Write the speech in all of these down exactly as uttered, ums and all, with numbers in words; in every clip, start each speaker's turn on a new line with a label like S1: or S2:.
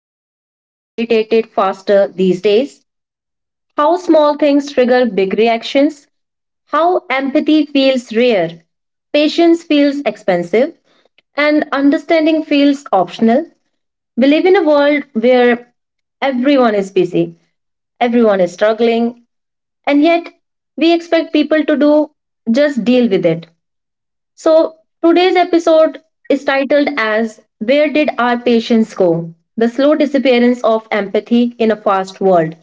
S1: how people get irritated faster these days? How small things trigger big reactions? How empathy feels rare? Patience feels expensive? And understanding feels optional? We live in a world where everyone is busy. Everyone is struggling, and yet we expect people to do just deal with it. So, today's episode is titled as Where Did Our Patience Go? The Slow Disappearance of Empathy in a Fast World.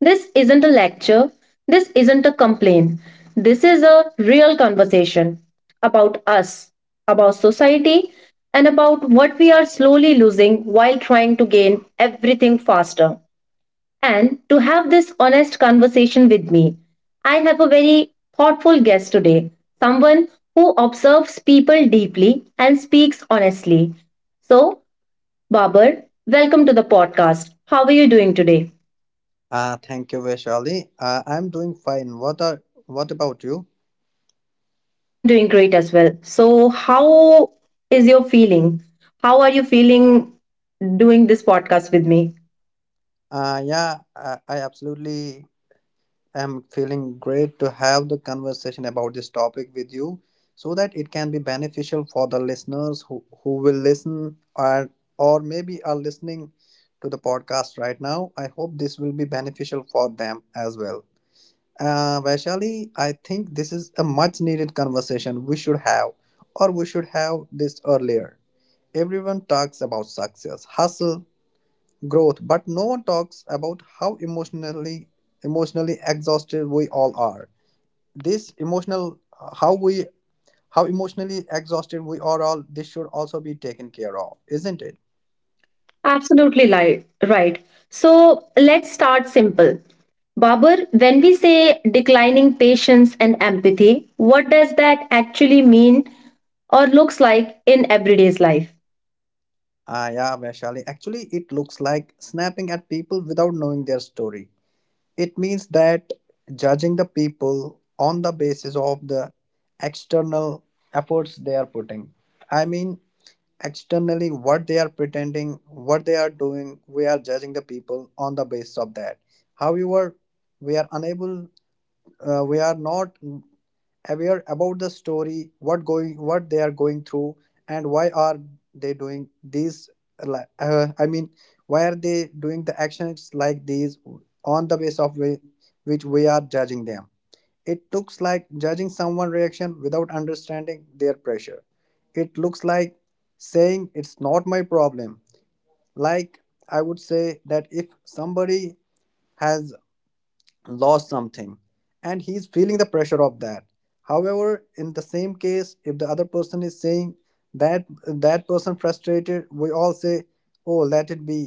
S1: This isn't a lecture, this isn't a complaint. This is a real conversation about us, about society, and about what we are slowly losing while trying to gain everything faster, and to have this honest conversation with me, I have a very thoughtful guest today, someone who observes people deeply and speaks honestly. So, Babar, welcome to the podcast. How are you doing today?
S2: Uh, thank you, Vaishali. Uh, I'm doing fine. What are what about you?
S1: I'm doing great as well. So, how is your feeling? How are you feeling doing this podcast with me?
S2: Uh, yeah, I, I absolutely am feeling great to have the conversation about this topic with you so that it can be beneficial for the listeners who, who will listen or or maybe are listening to the podcast right now. I hope this will be beneficial for them as well. Uh, Vaishali, I think this is a much needed conversation we should have, or we should have this earlier. Everyone talks about success, hustle, growth, but no one talks about how emotionally emotionally exhausted we all are. This emotional how we how emotionally exhausted we are all this should also be taken care of, isn't it?
S1: Absolutely li- right. So let's start simple. Babur, when we say declining patience and empathy, what does that actually mean or looks like in everyday's life?
S2: Ah yeah, Vaishali, actually it looks like snapping at people without knowing their story. It means that judging the people on the basis of the external efforts they are putting. I mean, externally, what they are pretending, what they are doing, we are judging the people on the basis of that. However, we are unable, uh, we are not aware about the story, what going, what they are going through, and why are they doing these? li- Uh, I mean, why are they doing the actions like these on the basis of whi- which we are judging them? It looks like judging someone' reaction without understanding their pressure. It looks like saying it's not my problem. Like I would say that if somebody has lost something and he's feeling the pressure of that, however, in the same case, if the other person is saying that that person frustrated, we all say, oh, let it be,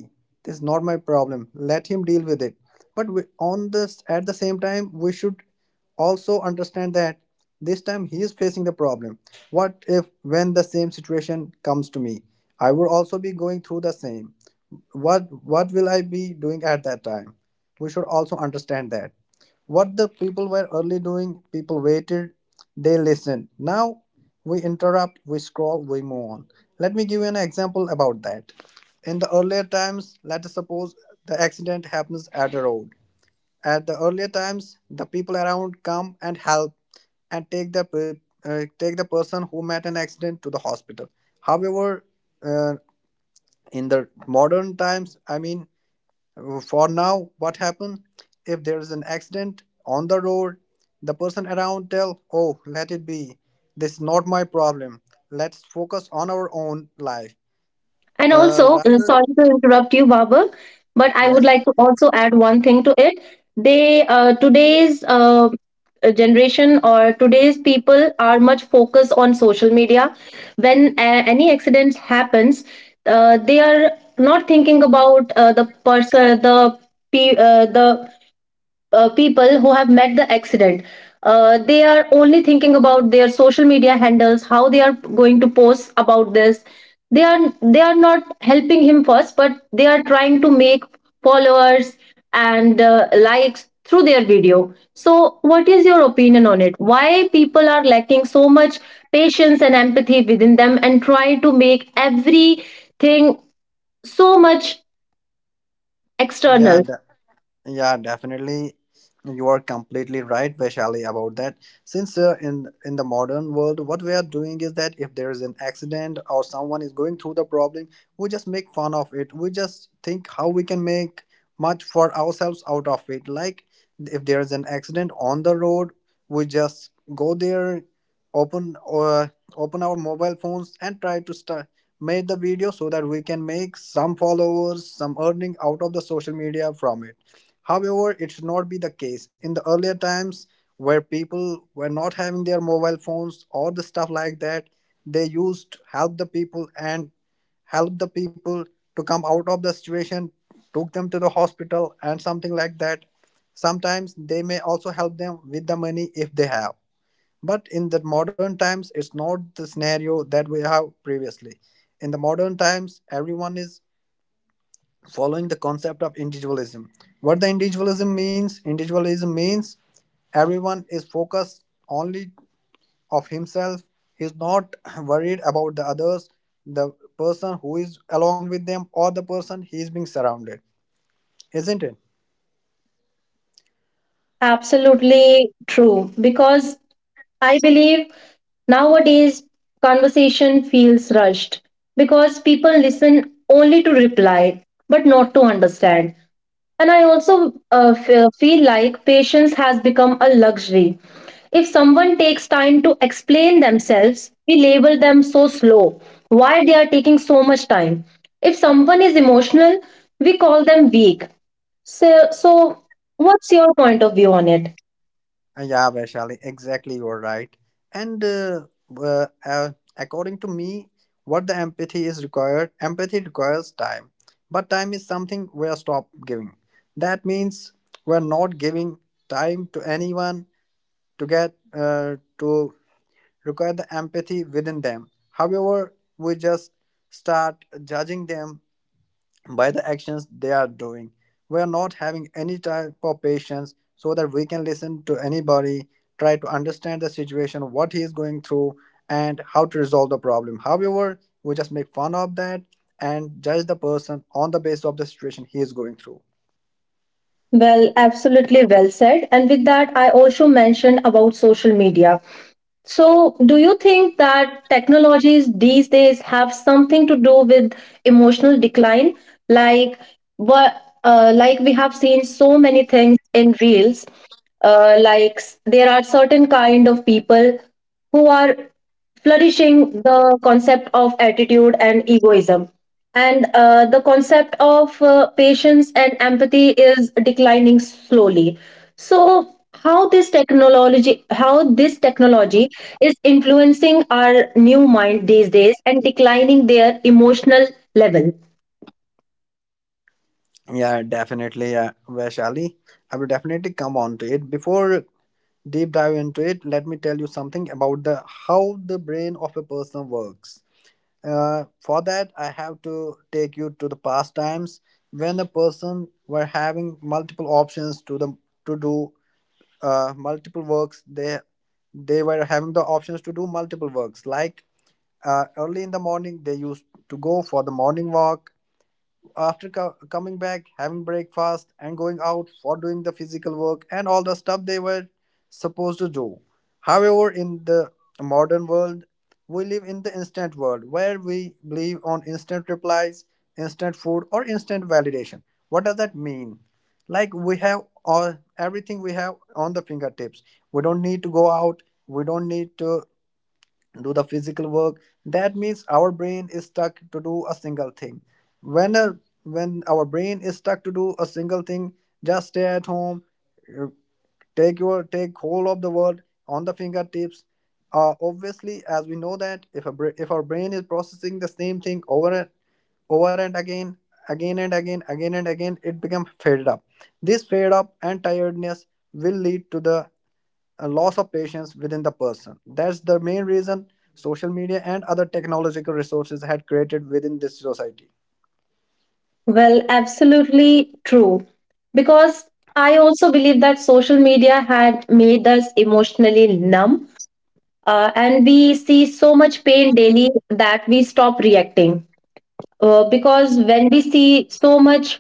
S2: this is not my problem, let him deal with it. But we, on this at the same time we should also understand that this time he is facing the problem. What if when the same situation comes to me, I would also be going through the same? What what will I be doing at that time? We should also understand that what the people were early doing, people waited, they listened. Now we interrupt, we scroll, we move on. Let me give you an example about that. In the earlier times, let us suppose the accident happens at a road. At the earlier times, the people around come and help, and take the pe- uh, take the person who met an accident to the hospital. However, uh, in the modern times, I mean, for now, what happened, if there is an accident on the road, the person around tell, oh, let it be, this is not my problem, let's focus on our own life.
S1: And
S2: Uh
S1: also, uh,
S2: rather,
S1: sorry to interrupt you, Baba, but I would
S2: yes.
S1: like to also add one thing to it. They uh, today's uh, generation or today's people are much focused on social media. When uh, any accident happens, uh, they are not thinking about uh, the person, the pe- uh, the uh, people who have met the accident. Uh, they are only thinking about their social media handles, how they are going to post about this. They are they are not helping him first, but they are trying to make followers and uh, likes through their video. So what is your opinion on it? Why people are lacking so much patience and empathy within them and try to make everything so much
S2: yeah
S1: external?
S2: that, Yeah, definitely. You are completely right, Vaishali, about that. Since uh, in in the modern world, what we are doing is that if there is an accident or someone is going through the problem, we just make fun of it. We just think how we can make much for ourselves out of it. Like if there is an accident on the road, we just go there, open or open our mobile phones and try to start make the video so that we can make some followers, some earning out of the social media from it. However, it should not be the case. In the earlier times where people were not having their mobile phones or the stuff like that, they used to help the people and help the people to come out of the situation, took them to the hospital and something like that. Sometimes they may also help them with the money if they have. But in the modern times, it's not the scenario that we have previously. In the modern times, everyone is following the concept of individualism. What the individualism means, individualism means everyone is focused only of himself, is not worried about the others, the person who is along with them or the person he is being surrounded, isn't it?
S1: Absolutely true, because I believe nowadays conversation feels rushed because people listen only to reply, but not to understand. And I also uh, fe- feel like patience has become a luxury. If someone takes time to explain themselves, we label them so slow. Why they are taking so much time? If someone is emotional, we call them weak. So, so what's your point of view on it?
S2: Uh, Yeah, Vaishali, exactly, you're right. And uh, uh, uh, According to me, what the empathy is required, empathy requires time. But time is something we are stop giving. That means we're not giving time to anyone to get uh, to require the empathy within them. However, we just start judging them by the actions they are doing. We are not having any type of patience so that we can listen to anybody, try to understand the situation, what he is going through, and how to resolve the problem. However, we just make fun of that and judge the person on the basis of the situation he is going through.
S1: Well, absolutely well said. And with that, I also mentioned about social media. So, do you think that technologies these days have something to do with emotional decline? Like, what, uh, like we have seen so many things in reels. Uh, like, s- there are certain kind of people who are flourishing the concept of attitude and egoism, and uh, the concept of uh, patience and empathy is declining slowly. So, how this technology, how this technology is influencing our new mind these days and declining their emotional level?
S2: Yeah, definitely, uh, Vaishali. I will definitely come on to it. Before deep dive into it, let me tell you something about the how the brain of a person works. Uh, for that, I have to take you to the past times when a person were having multiple options to the to do uh, multiple works. They they were having the options to do multiple works. Like uh, early in the morning, they used to go for the morning walk after co- coming back, having breakfast, and going out for doing the physical work and all the stuff they were supposed to do. However, in the modern world, we live in the instant world where we believe on instant replies, instant food, or instant validation. What does that mean? Like we have all everything we have on the fingertips. We don't need to go out. We don't need to do the physical work. That means our brain is stuck to do a single thing. When a, when our brain is stuck to do a single thing, just stay at home, uh, take your take whole of the world on the fingertips. Uh, obviously, as we know that if a bra- if our brain is processing the same thing over and over and again again and again again and again, it becomes fed up. This fed up and tiredness will lead to the a loss of patience within the person. That's the main reason social media and other technological resources had created within this society.
S1: Well, absolutely true. Because I also believe that social media had made us emotionally numb, uh, and we see so much pain daily that we stop reacting, uh, because when we see so much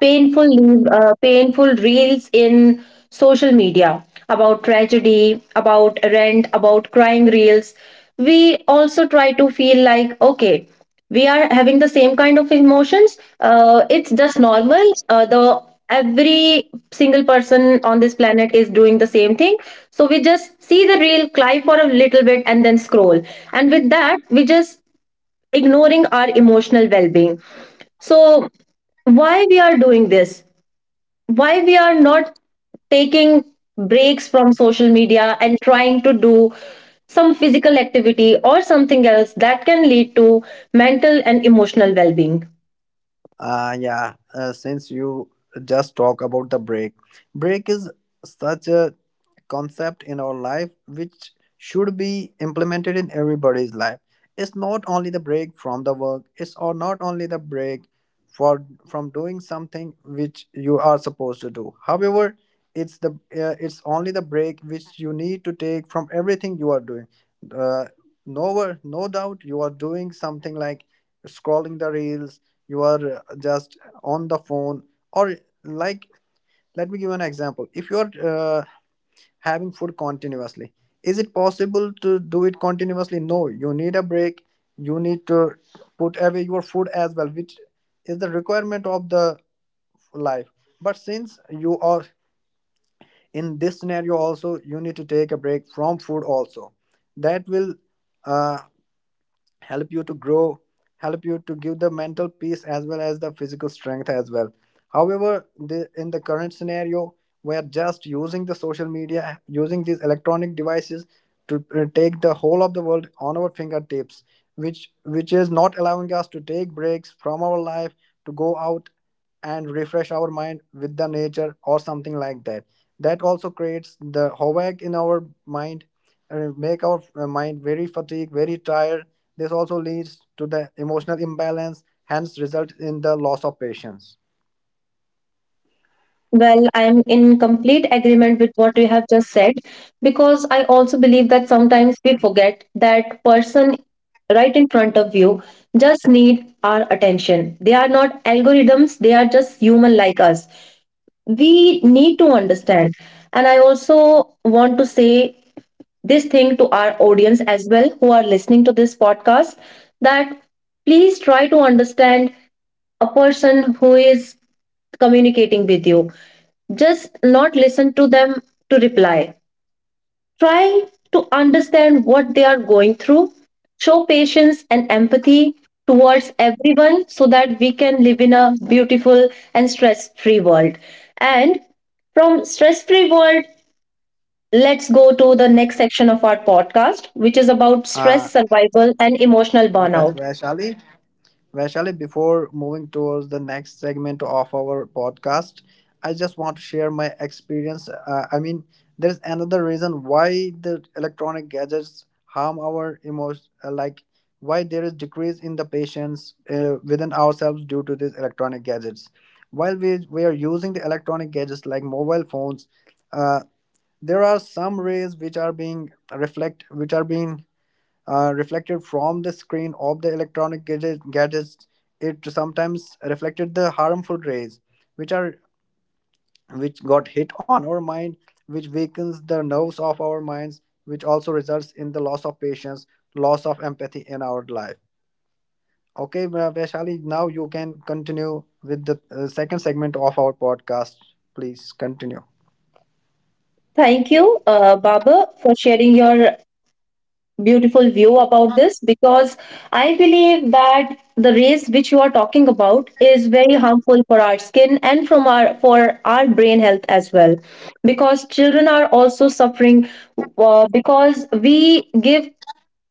S1: painful uh, painful reels in social media about tragedy, about rent, about crying reels, we also try to feel like, okay, we are having the same kind of emotions. Uh, it's just normal. Uh, the Every single person on this planet is doing the same thing, so we just see the reel, cry for a little bit, and then scroll. And with that we just ignoring our emotional well-being. So why we are doing this? Why we are not taking breaks from social media and trying to do some physical activity or something else that can lead to mental and emotional well-being?
S2: Uh, yeah, uh, since you just talk about the break, break is such a concept in our life which should be implemented in everybody's life. It's not only the break from the work, it's or not only the break for from doing something which you are supposed to do. However, it's the uh, it's only the break which you need to take from everything you are doing. Uh, no, wor- no doubt you are doing something like scrolling the reels, you are uh, just on the phone, or, like, let me give an example. If you are uh, having food continuously, is it possible to do it continuously? No, you need a break. You need to put away your food as well, which is the requirement of the life. But since you are in this scenario also, you need to take a break from food also. That will uh, help you to grow, help you to give the mental peace as well as the physical strength as well. However, the, in the current scenario, where just using the social media, using these electronic devices to uh, take the whole of the world on our fingertips, which which is not allowing us to take breaks from our life, to go out and refresh our mind with the nature or something like that, that also creates the havoc in our mind, uh, make our uh, mind very fatigued, very tired. This also leads to the emotional imbalance, hence result in the loss of patience.
S1: Well, I am in complete agreement with what you have just said, because I also believe that sometimes we forget that person right in front of you just need our attention. They are not algorithms, they are just human like us. We need to understand. And I also want to say this thing to our audience as well, who are listening to this podcast, that please try to understand a person who is communicating with you. Just not listen to them to reply. Try to understand what they are going through. Show patience and empathy towards everyone, so that we can live in a beautiful and stress free world. And from stress free world, let's go to the next section of our podcast, which is about
S2: Uh,
S1: stress survival and emotional burnout.
S2: Vaishali, Vaishali, before moving towards the next segment of our podcast, I just want to share my experience. Uh, I mean, there's another reason why the electronic gadgets harm our emotions, like why there is decrease in the patience uh, within ourselves due to these electronic gadgets. While we, we are using the electronic gadgets like mobile phones, uh, there are some rays which are being reflect, which are being uh, reflected from the screen of the electronic gadget, gadgets. It sometimes reflected the harmful rays, which are which got hit on our mind, which weakens the nerves of our minds, which also results in the loss of patience, loss of empathy in our life. Okay, uh, Vaishali, now you can continue with the uh, second segment of our podcast. Please continue.
S1: Thank you, uh, Baba, for sharing your beautiful view about this, because I believe that the rays which you are talking about is very harmful for our skin and from our for our brain health as well, because children are also suffering, uh, because we give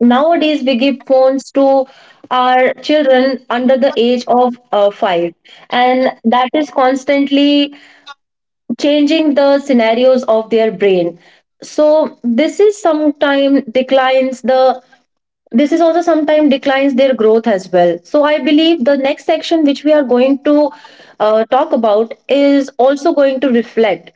S1: nowadays we give phones to our children under the age of uh, five, and that is constantly changing the scenarios of their brain. So this is sometime declines the this is also sometimes declines their growth as well. So I believe the next section which we are going to uh, talk about is also going to reflect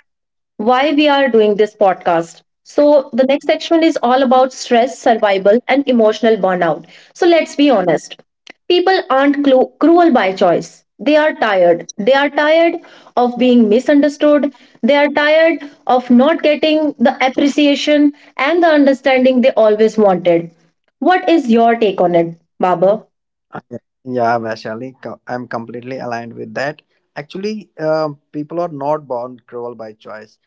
S1: why we are doing this podcast. So, the next section is all about stress, survival, and emotional burnout. So, let's be honest, people aren't clu- cruel by choice. They are tired. They are tired of being misunderstood. They are tired of not getting the appreciation and the understanding they always wanted. What is your take on it, Baba?
S2: Okay. Yeah, Vaishali, co- I'm completely aligned with that. Actually, uh, people are not born cruel by choice.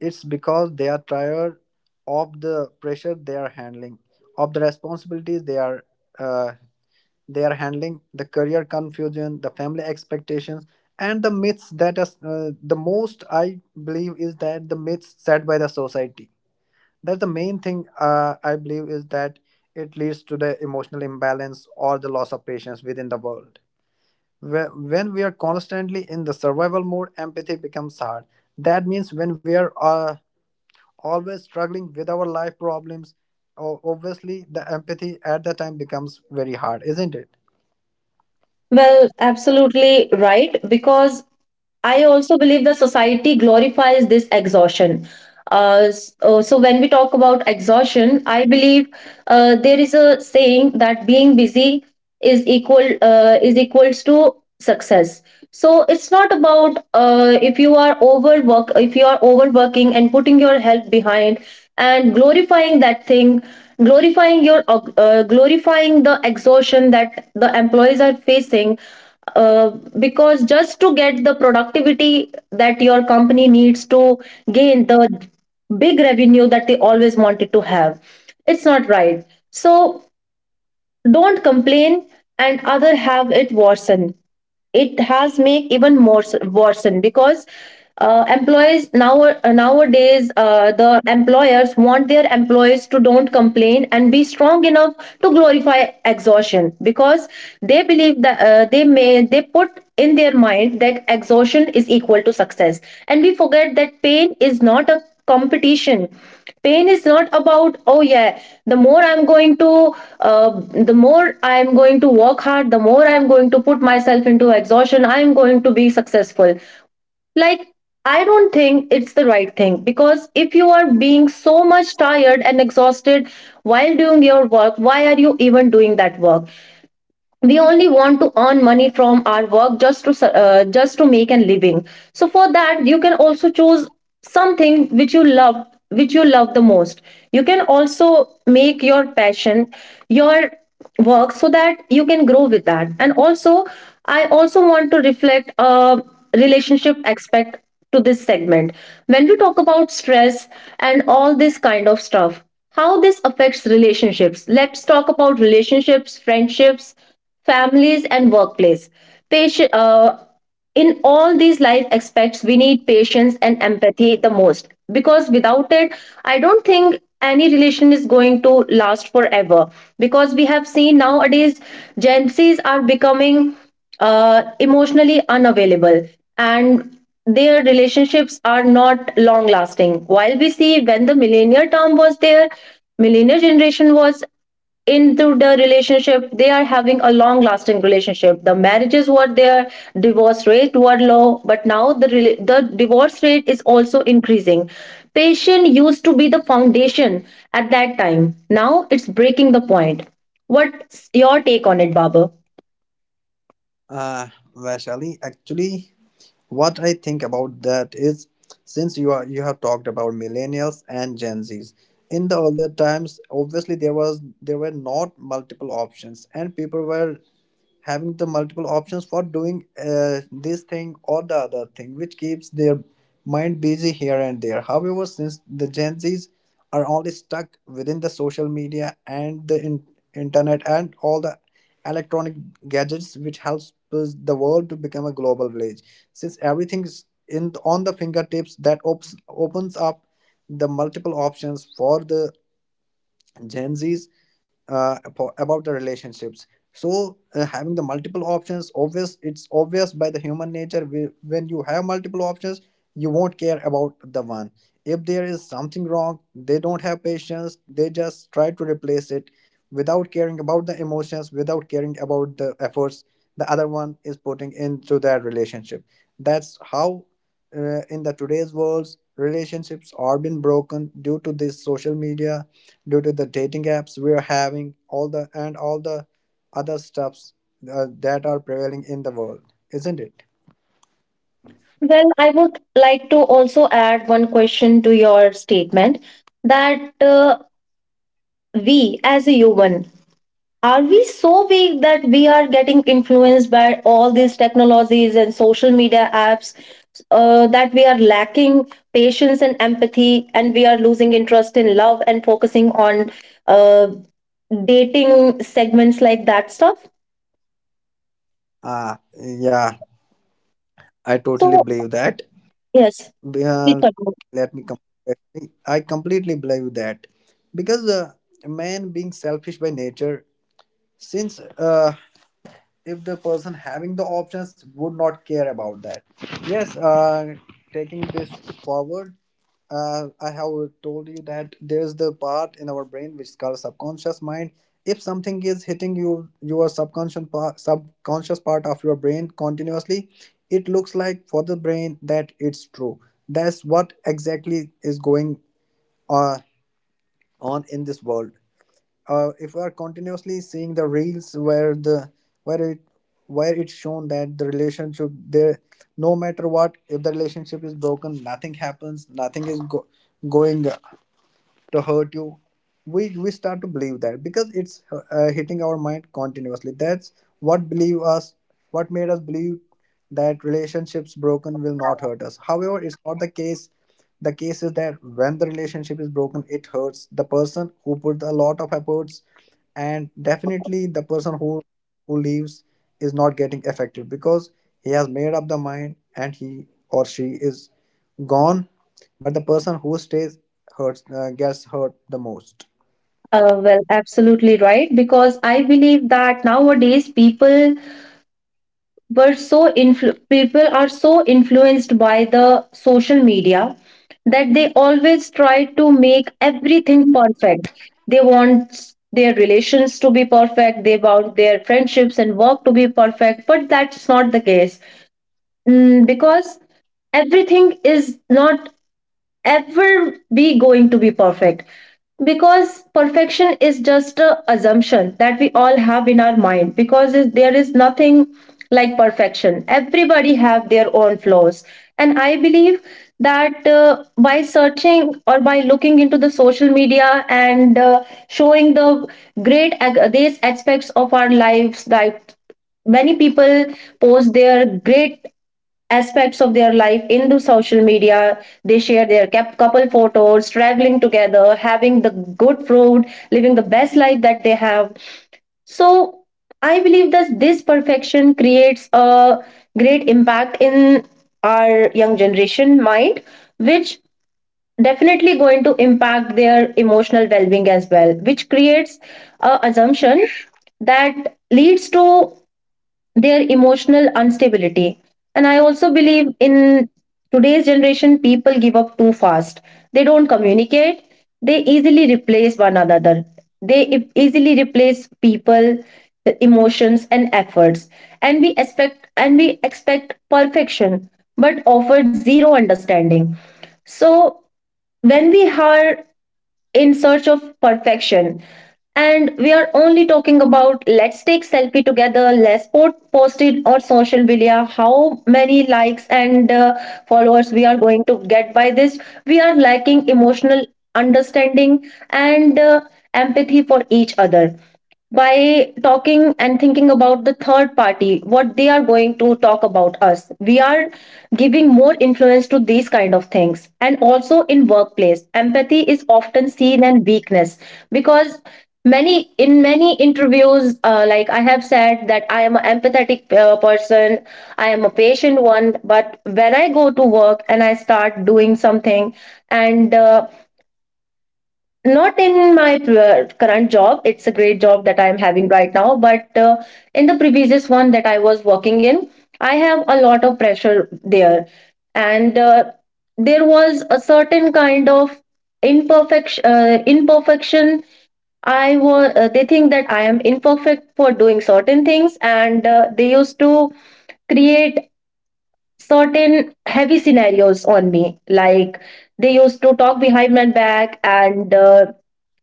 S2: It's because they are tired of the pressure they are handling, of the responsibilities they are uh, they are handling, the career confusion, the family expectations, and the myths that are uh, the most I believe is that the myths set by the society. That's the main thing uh, I believe is that it leads to the emotional imbalance or the loss of patience within the world. Whe- When we are constantly in the survival mode, empathy becomes hard. That means when we are uh, always struggling with our life problems, o- obviously the empathy at the time becomes very hard, isn't it?
S1: Well, absolutely right. Because I also believe that society glorifies this exhaustion. Uh, s- uh, so when we talk about exhaustion, I believe uh, there is a saying that being busy is equal uh, is equals to success. So it's not about, uh, if you are overwork if you are overworking and putting your health behind and glorifying that thing, glorifying your uh, glorifying the exhaustion that the employees are facing, uh, because just to get the productivity that your company needs to gain the big revenue that they always wanted to have, it's not right. So don't complain and other have it worsen. It has make even more s- worsen, because uh, employees now uh, nowadays uh, the employers want their employees to don't complain and be strong enough to glorify exhaustion, because they believe that, uh, they may they put in their mind that exhaustion is equal to success. And we forget that pain is not a competition. Pain is not about, oh yeah, the more i'm going to uh, the more I'm going to work hard, the more I'm going to put myself into exhaustion, I'm going to be successful. Like, I don't think it's the right thing, because if you are being so much tired and exhausted while doing your work, why are you even doing that work? We only want to earn money from our work just to su- uh, just to make a living. So for that you can also choose something which you love, which you love the most. You can also make your passion your work, so that you can grow with that. And also, I also want to reflect a relationship aspect to this segment. When we talk about stress and all this kind of stuff, how this affects relationships, let's talk about relationships, friendships, families, and workplace. Patient uh, In all these life aspects we need patience and empathy the most, because without it I don't think any relation is going to last forever. Because we have seen nowadays Gen Z's are becoming uh, emotionally unavailable, and their relationships are not long lasting. While we see when the millennial term was there, millennial generation was into the relationship, they are having a long lasting relationship. The marriages were there, divorce rate were low, but now the rela- the divorce rate is also increasing. Patience used to be the foundation at that time, now it's breaking the point. What's your take on it, Baba?
S2: Uh, Vaishali, actually, what I think about that is since you are you have talked about millennials and Gen Zs. In the earlier times, obviously there was there were not multiple options, and people were having the multiple options for doing uh, this thing or the other thing which keeps their mind busy here and there. However, since the Gen Z's are only stuck within the social media and the in- internet and all the electronic gadgets which helps us the world to become a global village, since everything's in on the fingertips, that opens opens up the multiple options for the Gen Z's uh, apo- about the relationships. So uh, having the multiple options, obvious it's obvious by the human nature. We When you have multiple options, you won't care about the one. If there is something wrong, they don't have patience. They just try to replace it without caring about the emotions, without caring about the efforts the other one is putting into that relationship. That's how uh, in the today's world relationships are being broken due to this social media, due to the dating apps, we are having all the and all the other stuffs uh, that are prevailing in the world, isn't it?
S1: Well, I would like to also add one question to your statement, that uh, we as a human, are we so weak that we are getting influenced by all these technologies and social media apps, uh, that we are lacking patience and empathy and we are losing interest in love and focusing on uh, dating segments, like that stuff?
S2: Ah, yeah, I totally
S1: So,
S2: believe that.
S1: yes, please
S2: Uh,
S1: continue.
S2: let me completely I completely believe that, because uh, man being selfish by nature, since uh, if the person having the options would not care about that. Yes, uh, taking this forward, uh, I have told you that there's the part in our brain which is called subconscious mind. If something is hitting you your subconscious part, subconscious part of your brain continuously, it looks like for the brain that it's true. That's what exactly is going uh, on in this world. Uh, if we are continuously seeing the reels where the where it where it's shown that the relationship there, no matter what, if the relationship is broken, nothing happens, nothing is go- going to hurt you, we we start to believe that. Because it's uh, hitting our mind continuously, that's what believe us what made us believe that relationships broken will not hurt us. However, it's not the case. The case is that when the relationship is broken, it hurts the person who put a lot of efforts, and definitely the person who who leaves is not getting affected because he has made up the mind, and he or she is gone. But the person who stays hurts uh, gets hurt the most.
S1: Uh, well, absolutely right. Because I believe that nowadays people were so influ- people are so influenced by the social media that they always try to make everything perfect. They want their relations to be perfect, they want their friendships and work to be perfect, but that's not the case. Mm, because everything is not ever be going to be perfect, because perfection is just a assumption that we all have in our mind, because is- there is nothing like perfection. Everybody have their own flaws. And I believe that uh, by searching or by looking into the social media and uh, showing the great ag- these aspects of our lives, that many people post their great aspects of their life into social media. They share their cap- couple photos, traveling together, having the good food, living the best life that they have. So I believe that this perfection creates a great impact in our young generation mind, which definitely going to impact their emotional well-being as well, which creates a assumption that leads to their emotional instability. And I also believe in today's generation, people give up too fast. They don't communicate, they easily replace one another. They e- easily replace people, the emotions, and efforts. And we expect and we expect perfection, but offered zero understanding. So when we are in search of perfection and we are only talking about, let's take selfie together, let's po- post it on social media, how many likes and uh, followers we are going to get by this, we are lacking emotional understanding and uh, empathy for each other. By talking and thinking about the third party, what they are going to talk about us, we are giving more influence to these kind of things. And also in workplace empathy is often seen as weakness, because many in many interviews uh, like I have said that I am an empathetic uh, person, I am a patient one. But when I go to work and I start doing something, and uh, not in my pr- uh, current job, it's a great job that I'm having right now, but uh, in the previous one that I was working in, I have a lot of pressure there. And uh, there was a certain kind of imperfection uh, imperfection. I was uh, they think that I am imperfect for doing certain things, and uh, they used to create certain heavy scenarios on me, like they used to talk behind my back, and uh,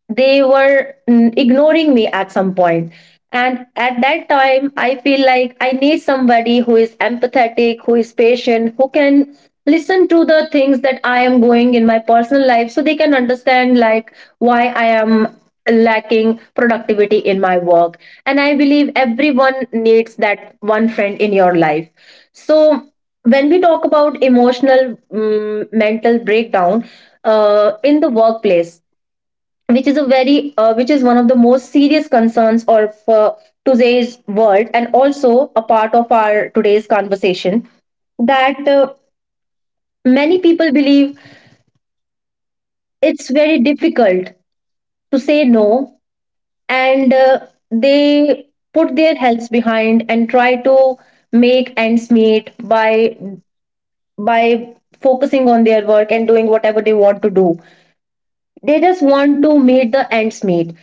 S1: they were mm, ignoring me at some point. And at that time I feel like I need somebody who is empathetic, who is patient, who can listen to the things that I am going in my personal life, so they can understand like why I am lacking productivity in my work. And I believe everyone needs that one friend in your life. So when we talk about emotional mm, mental breakdown uh, in the workplace, which is a very uh, which is one of the most serious concerns of uh, today's world and also a part of our today's conversation, that uh, many people believe it's very difficult to say no, and uh, they put their health behind and try to make ends meet by by focusing on their work and doing whatever they want to do. They just want to meet the ends meet.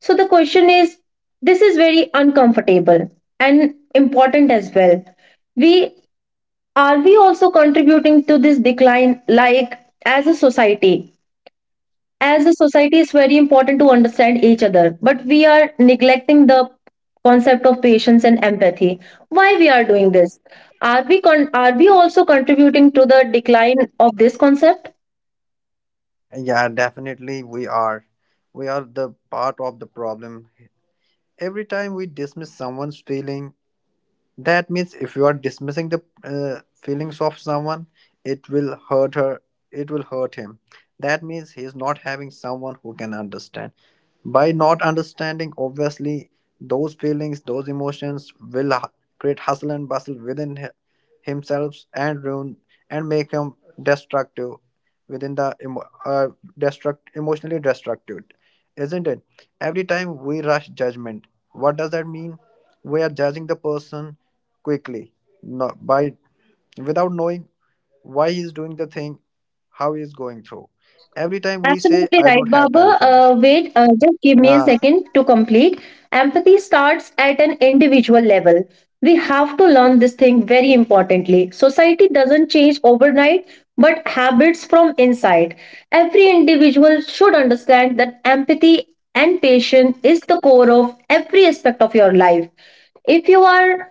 S1: So the question is, this is very uncomfortable and important as well. We are, we also contributing to this decline, like as a society? As a society it's very important to understand each other, but we are neglecting the concept of patience and empathy. Why we are doing this? Are we con- are we also contributing to the decline of this concept?
S2: Yeah, definitely we are, we are the part of the problem. Every time we dismiss someone's feeling. That means if you are dismissing the uh, feelings of someone, it will hurt her, it will hurt him. That means he is not having someone who can understand. By not understanding, obviously, those feelings, those emotions will hu- create hustle and bustle within hi- himself and ruin and make him destructive within the emo- uh, destruct emotionally destructive, isn't it? Every time we rush judgment, what does that mean? We are judging the person quickly, not by without knowing why he is doing the thing, how he is going through. Every time we say,
S1: Absolutely
S2: I
S1: right,
S2: don't have
S1: Baba.
S2: time for that.
S1: Uh, wait, uh, just give me a
S2: uh,
S1: second to complete. Empathy starts at an individual level. We have to learn this thing very importantly. Society doesn't change overnight, but habits from inside. Every individual should understand that empathy and patience is the core of every aspect of your life. If you are,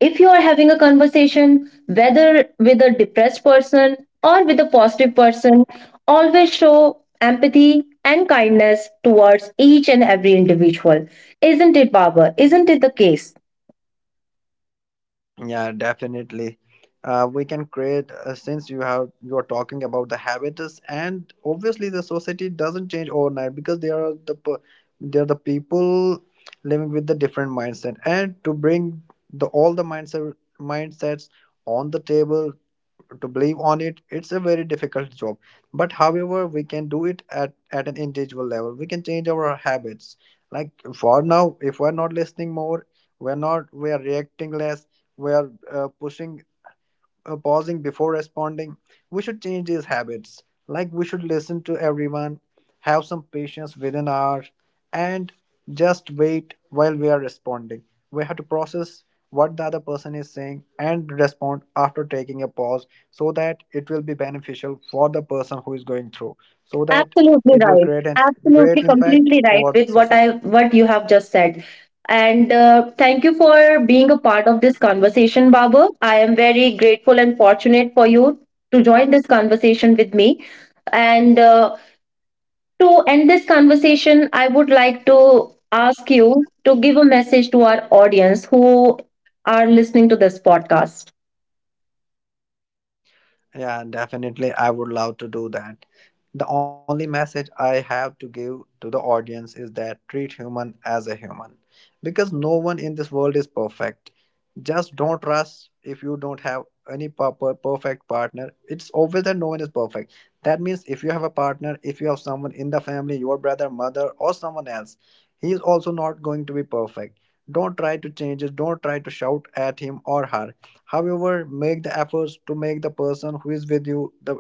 S1: if you are having a conversation, whether with a depressed person or with a positive person, always show empathy and kindness towards each and every individual. Isn't it, Baba? Isn't it the case?
S2: yeah, definitely. Uh, we can create, uh, since you have you are talking about the habits, and obviously the society doesn't change overnight because they are the per- they are the people living with the different mindset, and to bring the all the mindset mindsets on the table to believe on it, it's a very difficult job. But however, we can do it at, at an individual level, we can change our habits. Like for now, if we're not listening more, we're not we are reacting less, we are uh, pushing uh, pausing before responding. We should change these habits. Like, we should listen to everyone, have some patience within our, and just wait while we are responding. We have to process what the other person is saying and respond after taking a pause, so that it will be beneficial for the person who is going through, so that
S1: Absolutely
S2: it will
S1: right.
S2: create an great
S1: Absolutely,
S2: impact
S1: completely right
S2: over the
S1: with what
S2: society.
S1: I what you have just said. And uh, thank you for being a part of this conversation, Baba. I am very grateful and fortunate for you to join this conversation with me. And uh, to end this conversation, I would like to ask you to give a message to our audience who are listening to this podcast.
S2: Yeah, definitely. I would love to do that. The only message I have to give to the audience is that treat human as a human, because no one in this world is perfect. Just don't rush if you don't have any per- per- perfect partner. It's obvious that no one is perfect. That means if you have a partner, if you have someone in the family, your brother, mother, or someone else, he is also not going to be perfect. Don't try to change it, don't try to shout at him or her. However, make the efforts to make the person who is with you the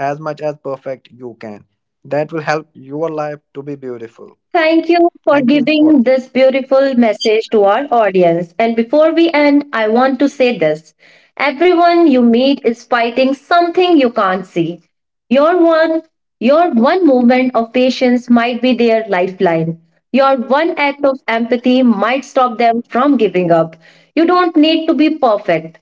S2: as much as perfect you can. That will help your life to be beautiful.
S1: Thank you for
S2: Thank you all.
S1: giving this beautiful message to our audience. And before we end, I want to say this, everyone you meet is fighting something you can't see. Your one, your one moment of patience might be their lifeline. Your one act of empathy might stop them from giving up. You don't need to be perfect.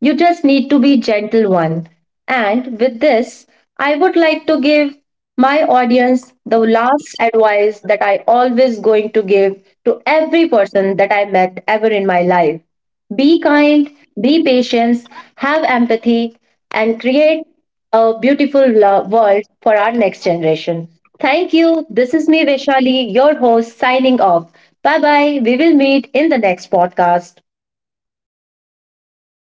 S1: You just need to be gentle one. And with this, I would like to give my audience the last advice that I always going to give to every person that I met ever in my life. Be kind, be patient, have empathy and create a beautiful lo- world for our next generation. Thank you. This is me Vaishali, your host signing off. Bye bye. We will meet in the next podcast.